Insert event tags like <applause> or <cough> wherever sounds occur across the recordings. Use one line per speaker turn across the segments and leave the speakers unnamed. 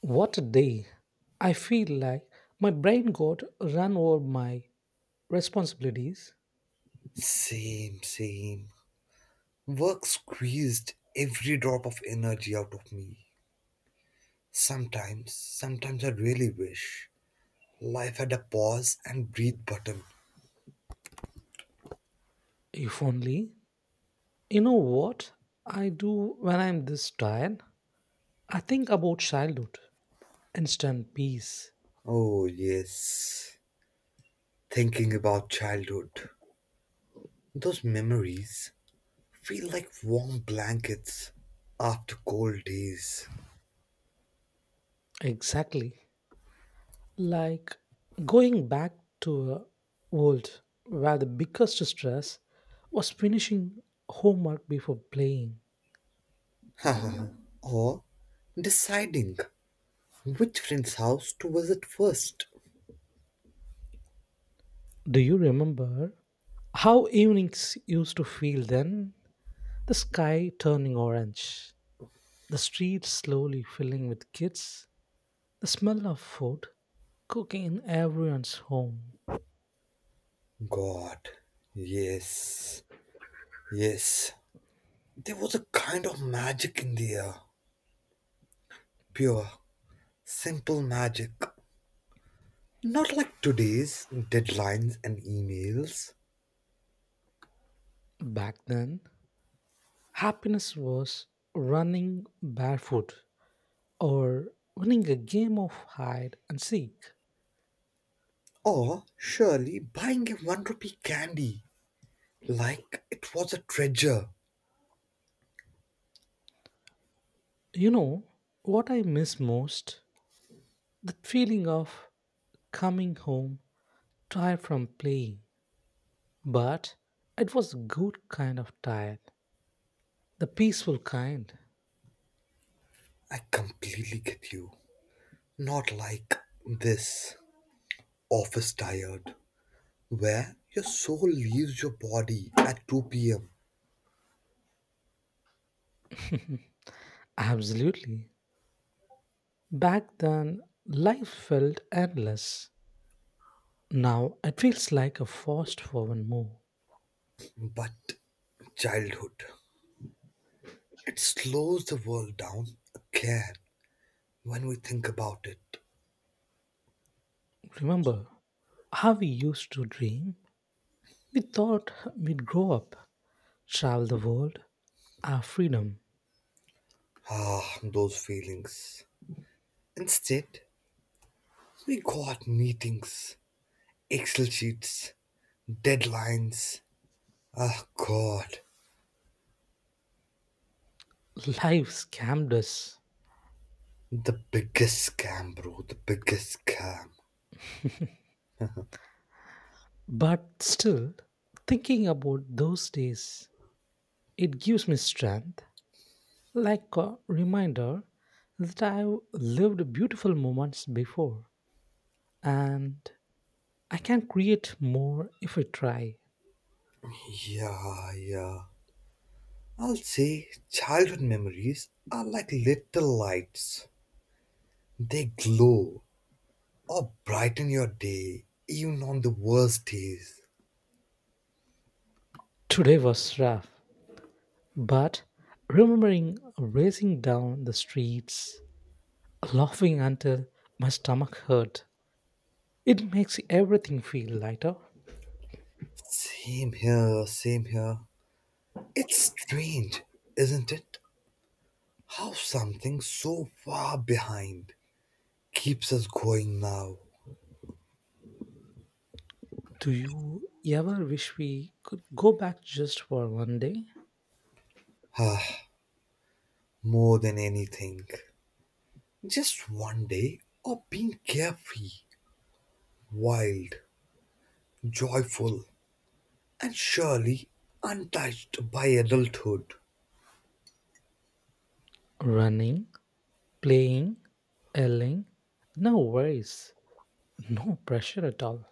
What a day! I feel like my brain got run over my responsibilities.
Same, same. Work squeezed every drop of energy out of me. Sometimes, sometimes I really wish life had a pause and breathe button.
If only. You know what I do when I'm this tired? I think about childhood, instant peace.
Oh, yes. Thinking about childhood. Those memories feel like warm blankets after cold days.
Exactly. Like going back to a world where the biggest stress was finishing homework before playing.
<laughs> or deciding which friend's house to visit first.
Do you remember how evenings used to feel then? The sky turning orange, the streets slowly filling with kids, the smell of food cooking in everyone's home.
God, yes, yes. There was a kind of magic in the air, pure, simple magic. Not like today's deadlines and emails,
Back then, happiness was running barefoot or winning a game of hide and seek.
or surely buying a one rupee candy like it was a treasure.
You know what I miss most? The feeling of coming home tired from playing, but it was a good kind of tired, the peaceful kind.
I completely get you. Not like this office tired, where your soul leaves your body at 2 pm.
Absolutely. Back then, life felt endless. Now it feels like a fast forward move.
But childhood, it slows the world down again when we think about it.
Remember how we used to dream? We thought we'd grow up, travel the world, our freedom.
Ah, those feelings. Instead, we got meetings, Excel sheets, deadlines. Ah, God.
Life scammed us.
The biggest scam, bro. The biggest scam.
But still, thinking about those days, it gives me strength, like a reminder that I've lived beautiful moments before and I can create more if I try.
Yeah, yeah. I'll say childhood memories are like little lights. They glow or brighten your day, even on the worst days.
Today was rough, but remembering racing down the streets, laughing until my stomach hurt, it makes everything feel lighter.
Same here, same here. It's strange, isn't it? How something so far behind keeps us going now,
Do you ever wish we could go back just for one day?
ah, more than anything. Just one day of being carefree, wild, joyful, and surely untouched by adulthood.
Running, playing, yelling, no worries, no pressure at all.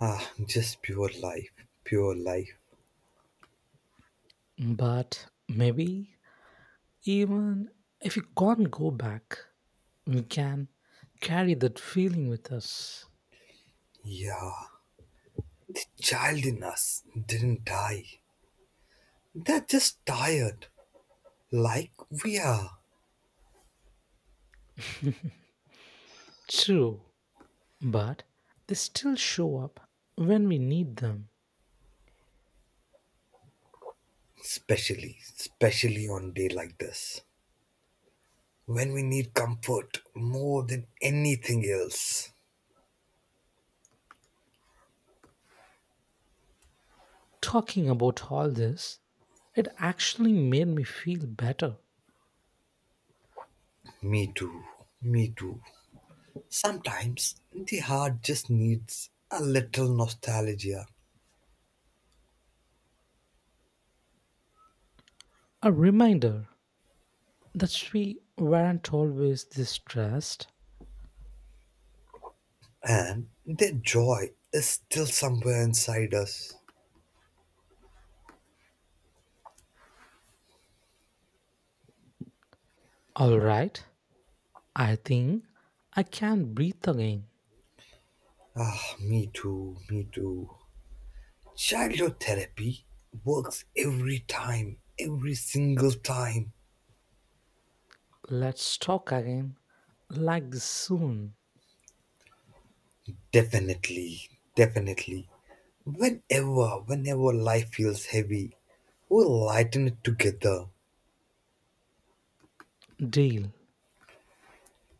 Ah, just pure life, pure life.
But maybe even if we can't go back, we can carry that feeling with us.
Yeah, the child in us didn't die. They're just tired, like we are.
True. But they still show up when we need them.
Especially, especially on day like this, when we need comfort more than anything else.
Talking about all this, it actually made me feel better.
Me too. Me too. Sometimes the heart just needs a little nostalgia,
A reminder that we weren't always this stressed.
and the joy is still somewhere inside us.
Alright, I think I can breathe again.
Ah, me too. Me too. Childhood therapy works every time, every single time.
Let's talk again. Like this soon.
Definitely. Definitely. Whenever, whenever life feels heavy, we'll lighten it together.
Deal.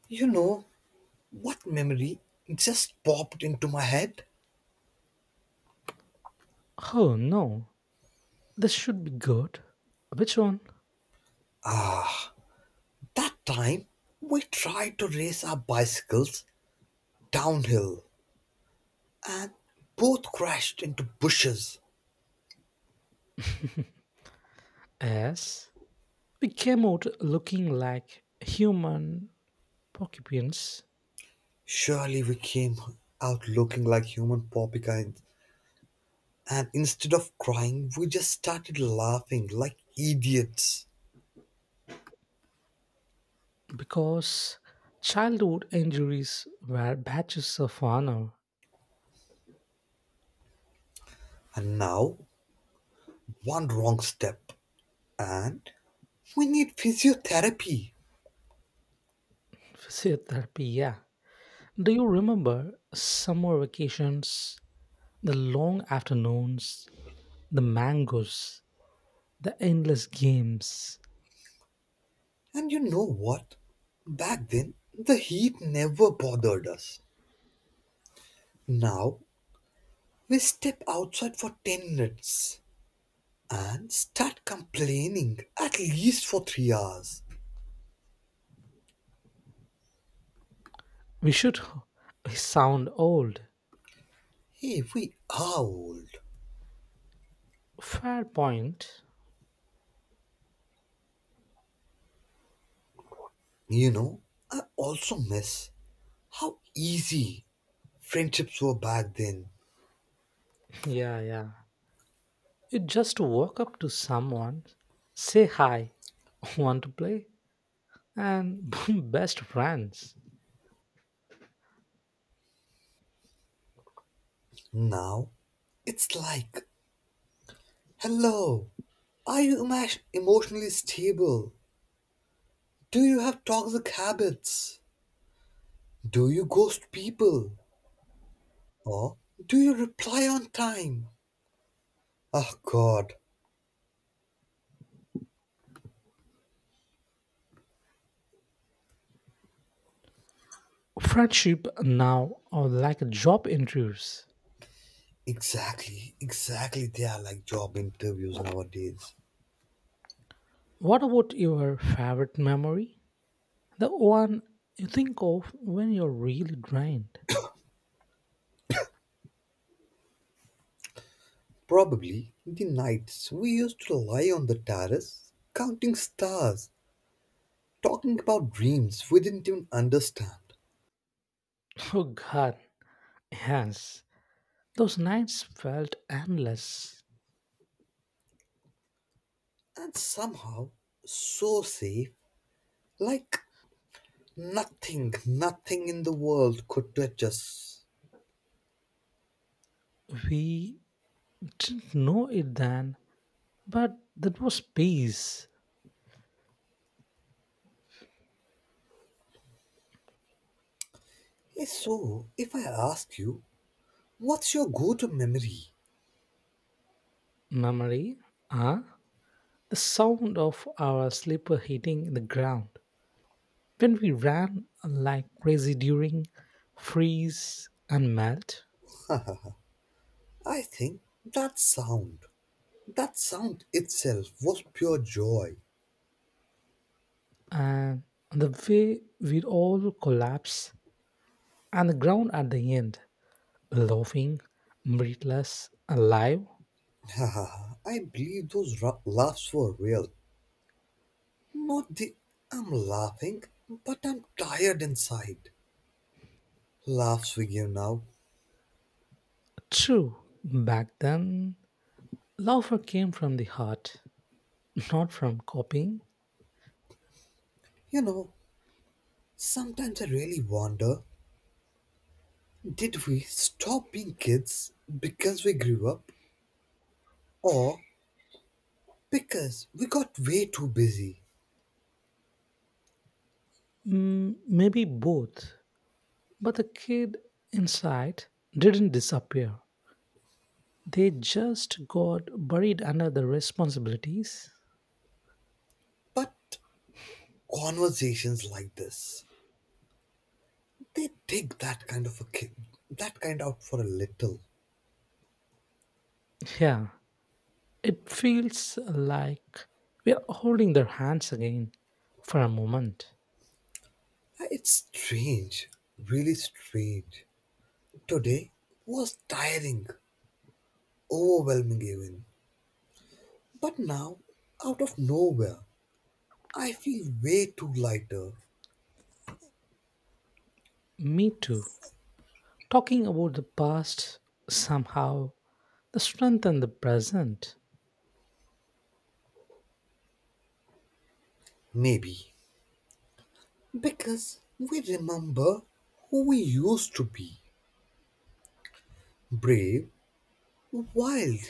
You know what memory just popped into my head?
Oh no, this should be good. Which one?
That time we tried to race our bicycles downhill and both crashed into bushes.
Yes. We came out looking like human porcupines.
Surely we came out looking like human porcupines, and instead of crying, we just started laughing like idiots.
Because childhood injuries were badges of honor
And now, one wrong step, and we need physiotherapy.
in physiotherapy, yeah. Do you remember summer vacations, the long afternoons, the mangoes, the endless games?
And you know what? Back then, the heat never bothered us. Now we step outside for 10 minutes and start complaining at least for 3 hours.
We should <laughs> we sound old.
Hey, we are old.
Fair point.
You know, I also miss how easy friendships were back then.
<laughs> Yeah, yeah, you just walk up to someone, say hi, <laughs> want to play, and <laughs> best friends.
Now it's like, hello, are you emotionally stable? Do you have toxic habits? Do you ghost people? Or do you reply on time? Oh god.
Friendship now are like job interviews.
Exactly, exactly. They are like job interviews nowadays.
What about your favorite memory? The one you think of when you're really drained.
Probably in the nights we used to lie on the terrace, counting stars, talking about dreams we didn't even understand,
<laughs> Oh god, yes. Those nights felt endless.
and somehow so safe, like nothing in the world could touch us.
We didn't know it then, but that was peace.
Yes, so if I ask you, what's your go to memory?
Memory, huh? The sound of our slipper hitting the ground. When we ran like crazy during freeze and melt.
<laughs> I think that sound, that sound itself was pure joy.
And the way we all collapse on the ground at the end, laughing, breathless, alive.
<laughs> Haha, I believe those laughs were real. Not the I'm laughing, but I'm tired inside. Laughs we give now.
True, back then, laughter came from the heart, not from copying.
You know, sometimes I really wonder did we stop being kids because we grew up or because we got way too busy?
Mm, maybe both, but the kid inside didn't disappear. They just got buried under the responsibilities.
But conversations like this, they dig that kind of a kid, that kind out for a little.
Yeah, it feels like we are holding their hands again for a moment.
It's strange, really strange. Today was tiring, overwhelming even. But now, out of nowhere, I feel way too lighter.
Me too. Talking about the past somehow strengthens the present
Maybe because we remember who we used to be: brave, wild,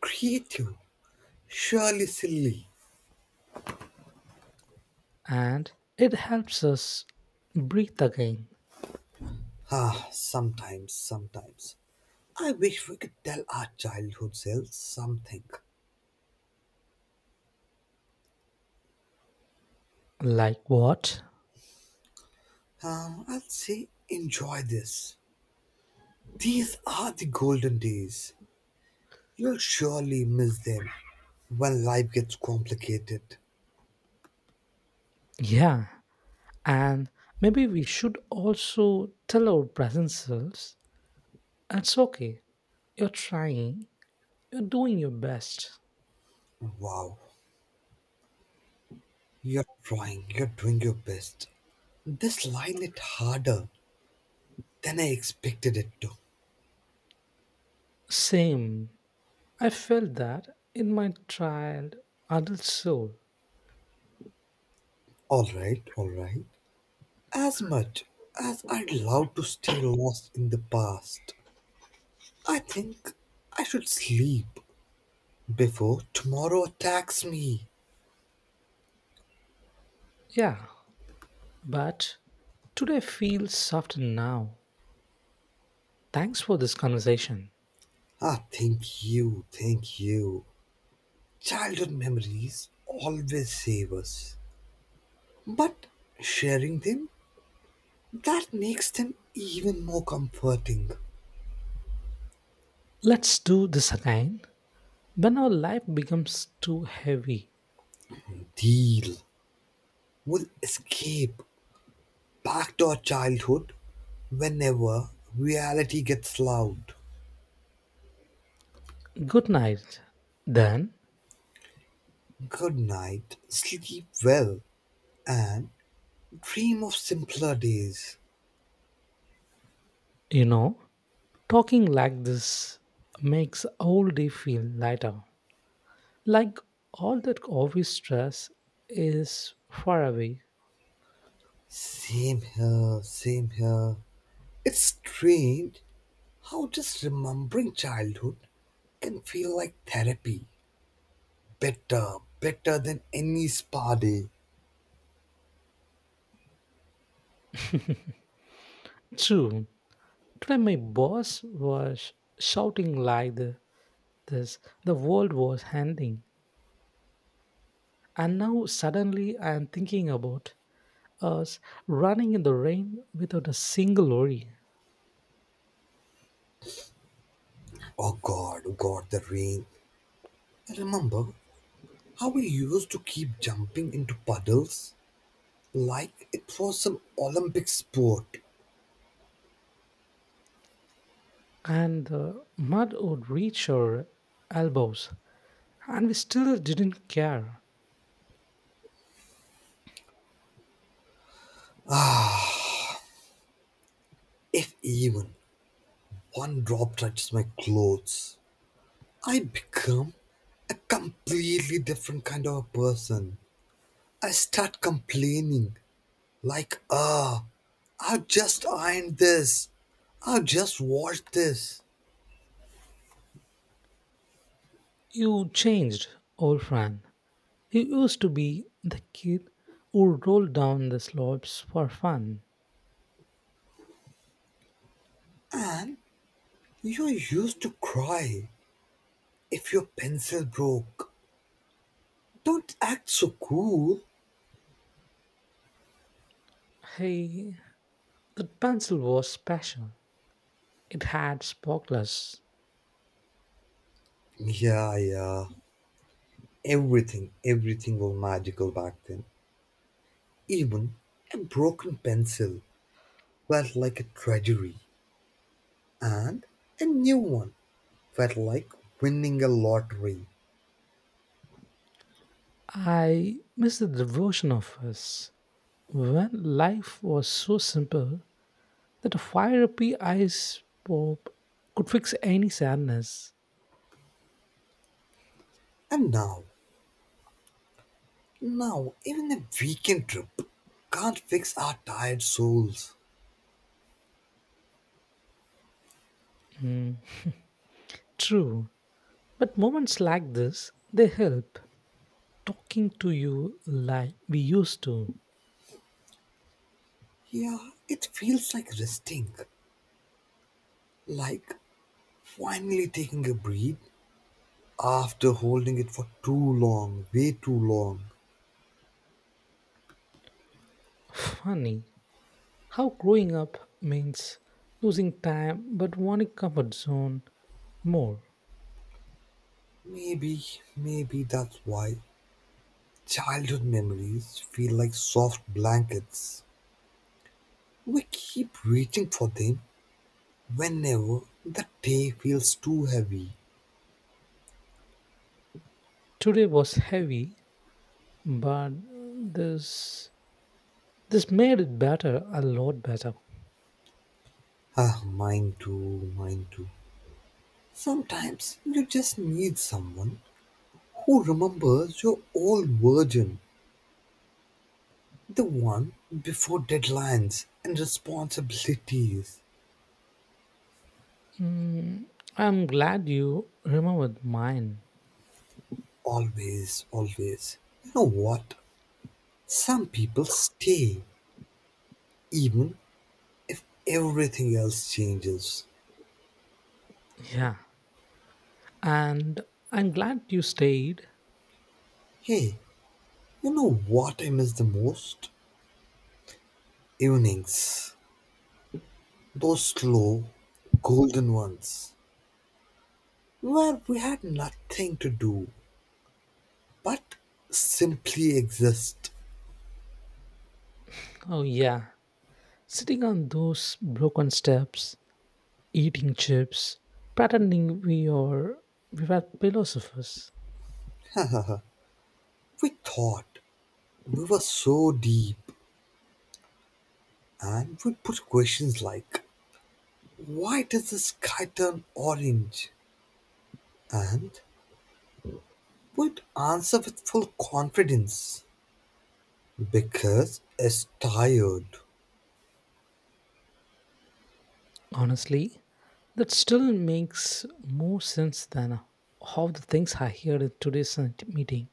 creative, surely silly.
and it helps us breathe again.
Ah, sometimes, sometimes I wish we could tell our childhood selves something.
Like what?
I'd say enjoy this. These are the golden days. You'll surely miss them when life gets complicated.
Yeah, and maybe we should also tell our present selves it's okay, you're trying, you're doing your best.
Wow, you're trying, you're doing your best. This line hit harder than I expected it to.
Same. I felt that in my child, adult soul.
Alright, alright. As much as I'd love to stay lost in the past, I think I should sleep before tomorrow attacks me.
Yeah, but today feels softer now. Thanks for this conversation.
Ah, thank you, thank you. Childhood memories always save us, but sharing them, that makes them even more comforting.
Let's do this again. When our life becomes too heavy,
Deal. Will escape back to our childhood whenever reality gets loud.
good night. Then,
Good night, sleep well, and dream of simpler days.
you know, talking like this makes all day feel lighter. Like all that office stress is far away.
Same here, same here. It's strange how just remembering childhood can feel like therapy. Better, better than any spa day.
True. Today my boss was shouting like the, this. The world was ending. And now suddenly I am thinking about us running in the rain without a single worry,
Oh God, the rain. I remember how we used to keep jumping into puddles like it was an Olympic sport.
and the mud would reach our elbows, and we still didn't care.
If even one drop touches my clothes, I become a completely different kind of a person. I start complaining, like, ah, I just ironed this, I just washed this.
You changed, old friend. You used to be the kid who rolled down the slopes for fun.
And you used to cry if your pencil broke. Don't act so cool.
Hey, that pencil was special. It had sparklers.
Yeah, yeah. Everything, everything was magical back then. Even a broken pencil felt like a treasury, and a new one felt like winning a lottery.
I miss the devotion of us when life was so simple that a 5 rupee ice pop could fix any sadness.
And now, now, even a weekend trip can't fix our tired souls.
Mm. True, but moments like this, they help. Talking to you like we used to.
Yeah, it feels like resting, like finally taking a breath after holding it for too long, way too long.
Funny how growing up means losing time but wanting comfort zone more.
Maybe, maybe that's why childhood memories feel like soft blankets. We keep reaching for them whenever the day feels too heavy.
Today was heavy, but this this made it better, a lot better.
Ah, mine too, mine too. Sometimes you just need someone who remembers your old version, the one before deadlines and responsibilities.
Mm, I'm glad you remembered mine.
Always, always. You know what? Some people stay even if everything else changes.
Yeah, and I'm glad you stayed.
Hey, you know what I miss the most? Evenings. Those slow, golden ones, where we had nothing to do but simply exist.
Oh, yeah. Sitting on those broken steps, eating chips, pretending we were philosophers.
We thought we were so deep and we put questions like, why does the sky turn orange? And we'd answer with full confidence, because it's tired.
Honestly, that still makes more sense than how the things I heard in today's meeting.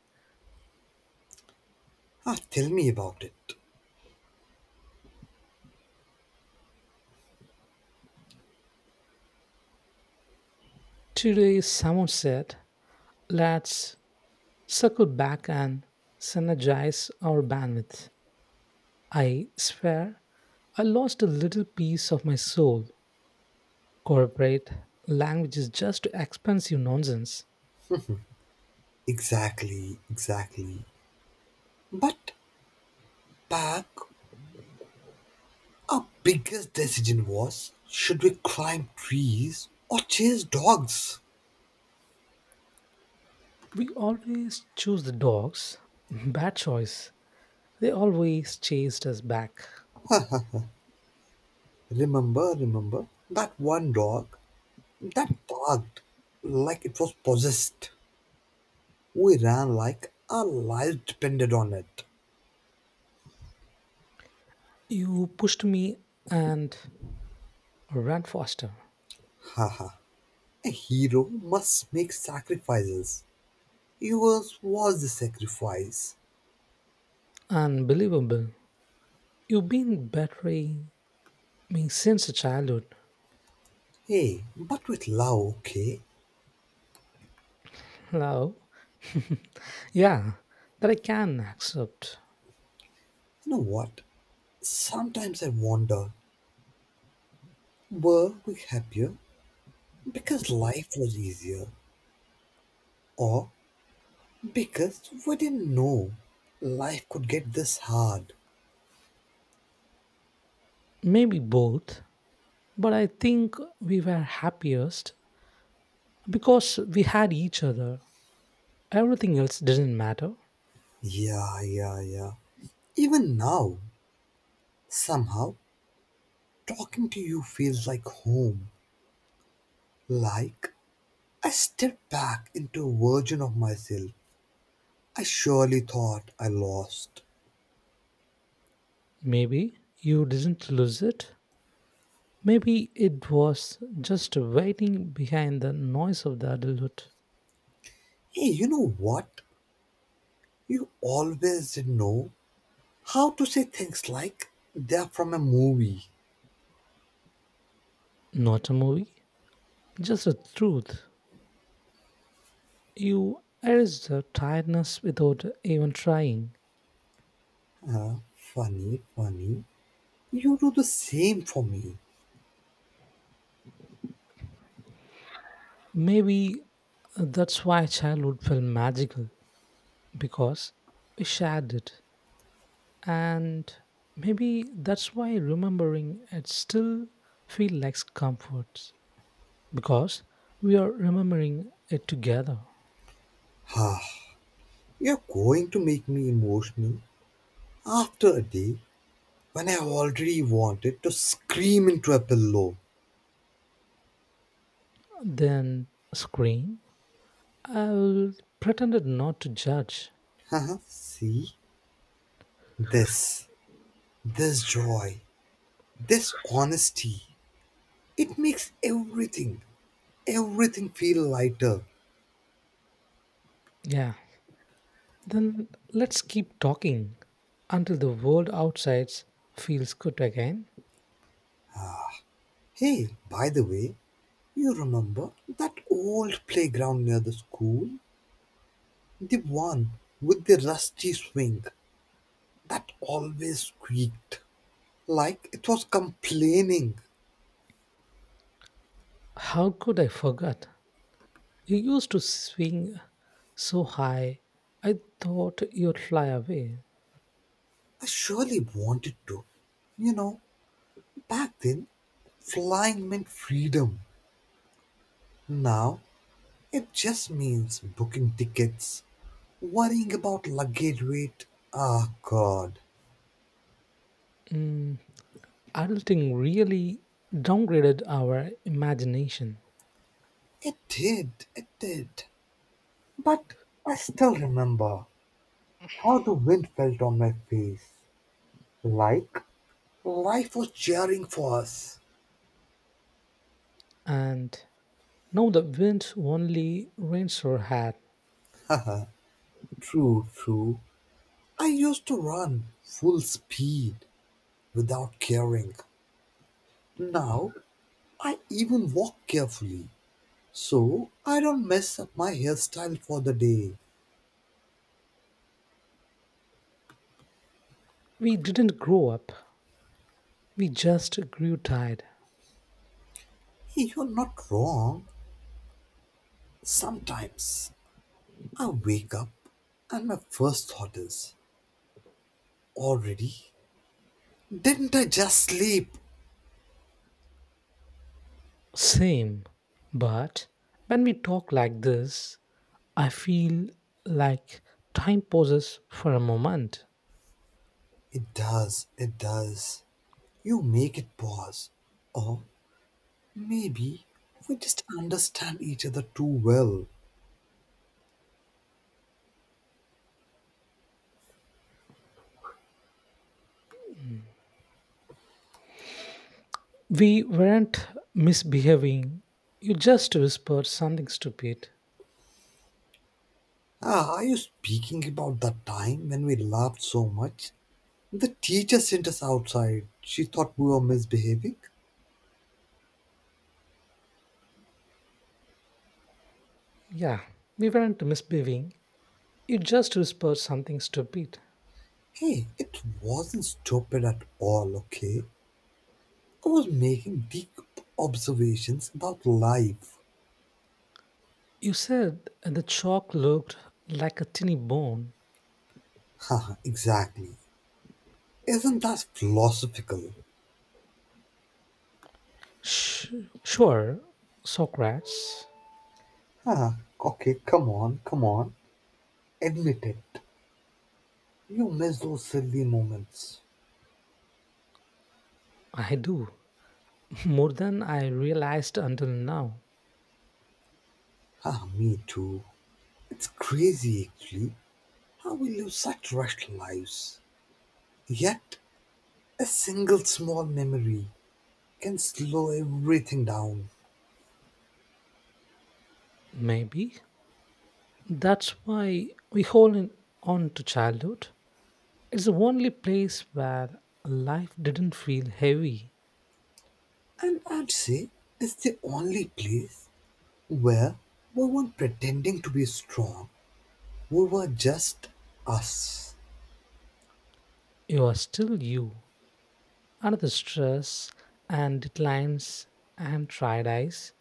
Ah, tell me about it.
Today, someone said, let's circle back and synergize our bandwidth. I swear, I lost a little piece of my soul. Corporate language is just expensive nonsense.
Exactly, exactly. But back, our biggest decision was should we climb trees or chase dogs?
We always choose the dogs. Bad choice. They always chased us back.
Remember, remember that one dog that barked like it was possessed. We ran like our lives depended on it.
You pushed me and ran faster.
Haha, a hero must make sacrifices. Yours was the sacrifice.
Unbelievable. You've been betraying me since childhood.
Hey, but with love, okay?
Love? Yeah, that I can accept.
You know what? Sometimes I wonder were we happier because life was easier? Or because we didn't know life could get this hard.
Maybe both, but I think we were happiest because we had each other. Everything else didn't matter.
Yeah, yeah, yeah. Even now, somehow, talking to you feels like home. Like I stepped back into a version of myself I surely thought I lost.
Maybe you didn't lose it. Maybe it was just waiting behind the noise of the adulthood.
Hey, you know what? You always did know how to say things like they're from a movie.
Not a movie, just a truth. You erased the tiredness without even trying.
Funny, funny. You do the same for me.
Maybe that's why childhood felt magical, because we shared it. And maybe that's why remembering it still feels like comfort, because we are remembering it together.
Ha, you're going to make me emotional after a day when I already wanted to scream into a pillow.
Then scream. I will pretended not to judge.
Haha, see? This, this joy, this honesty, it makes everything, everything feel lighter.
Yeah. Then let's keep talking until the world outside feels good again.
Hey, by the way, you remember that old playground near the school? The one with the rusty swing that always squeaked like it was complaining.
How could I forget? You used to swing so high, I thought you'd fly away.
I surely wanted to. You know, back then, flying meant freedom. Now, it just means booking tickets, worrying about luggage weight. Ah, God.
Mm, adulting really downgraded our imagination,
It did, it did. But I still remember how the wind felt on my face. Like life was cheering for us.
and now the wind only rains our hat.
<laughs> Haha, true, true. I used to run full speed without caring. Now I even walk carefully so I don't mess up my hairstyle for the day.
We didn't grow up, we just grew tired.
Hey, you're not wrong. Sometimes I wake up and my first thought is, already? Didn't I just sleep?
Same, but when we talk like this, I feel like time pauses for a moment.
It does, it does. You make it pause. Or maybe we just understand each other too well.
We weren't misbehaving, you just whispered something stupid.
Ah, are you speaking about that time when we laughed so much the teacher sent us outside. She thought we were misbehaving.
Yeah, we weren't misbehaving, you just whispered something stupid.
Hey, it wasn't stupid at all, okay? I was making deep observations about life.
You said the chalk looked like a tiny bone.
Haha, exactly. Isn't that philosophical?
Sh- sure, Socrates.
Haha, okay, come on, come on. Admit it. You miss those silly moments.
I do. <laughs> More than I realized until now.
Ah, me too. It's crazy actually how we live such rushed lives. Yet, a single small memory can slow everything down.
Maybe. That's why we hold on to childhood. It's the only place where life didn't feel heavy.
And I'd say it's the only place where we weren't pretending to be strong. We were just us.
You are still you. Under the stress and declines and tried eyes,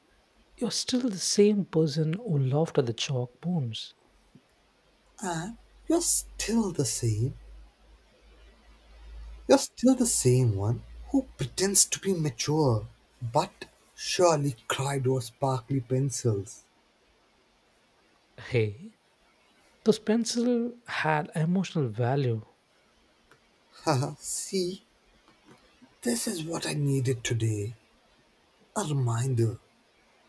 you're still the same person who laughed at the chalk bones.
And you're still the same. You're still the same one who pretends to be mature, but surely cried over sparkly pencils.
Hey, those pencils had emotional value.
Haha, see, this is what I needed today. A reminder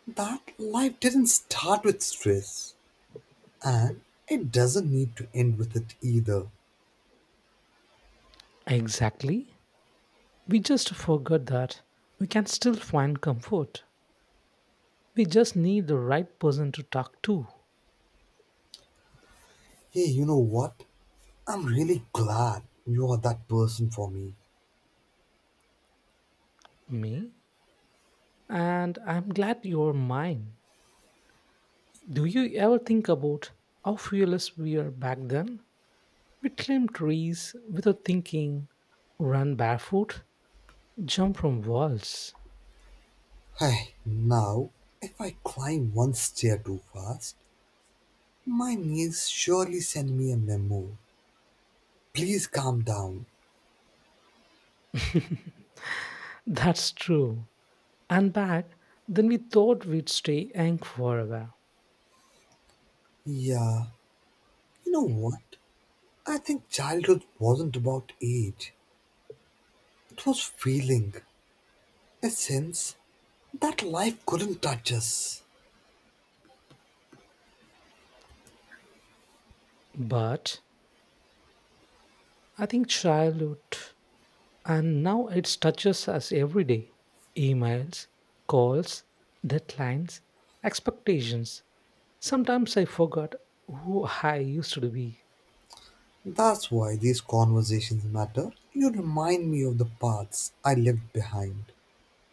that life didn't start with stress. And it doesn't need to end with it either.
Exactly. We just forgot that we can still find comfort. We just need the right person to talk to.
Hey, you know what? I'm really glad you are that person for me.
Me? And I'm glad you're mine. Do you ever think about how fearless we were back then? We climbed trees without thinking, run barefoot, jump from walls.
Hey, now, if I climb one stair too fast, my knees surely send me a memo. Please calm down.
<laughs> That's true. And back then we thought we'd stay young forever.
Yeah, you know what? I think childhood wasn't about age, it was feeling, a sense that life couldn't touch us.
But I think childhood, and now it touches us every day. Emails, calls, deadlines, expectations. Sometimes I forgot who I used to be.
That's why these conversations matter. You remind me of the paths I left behind.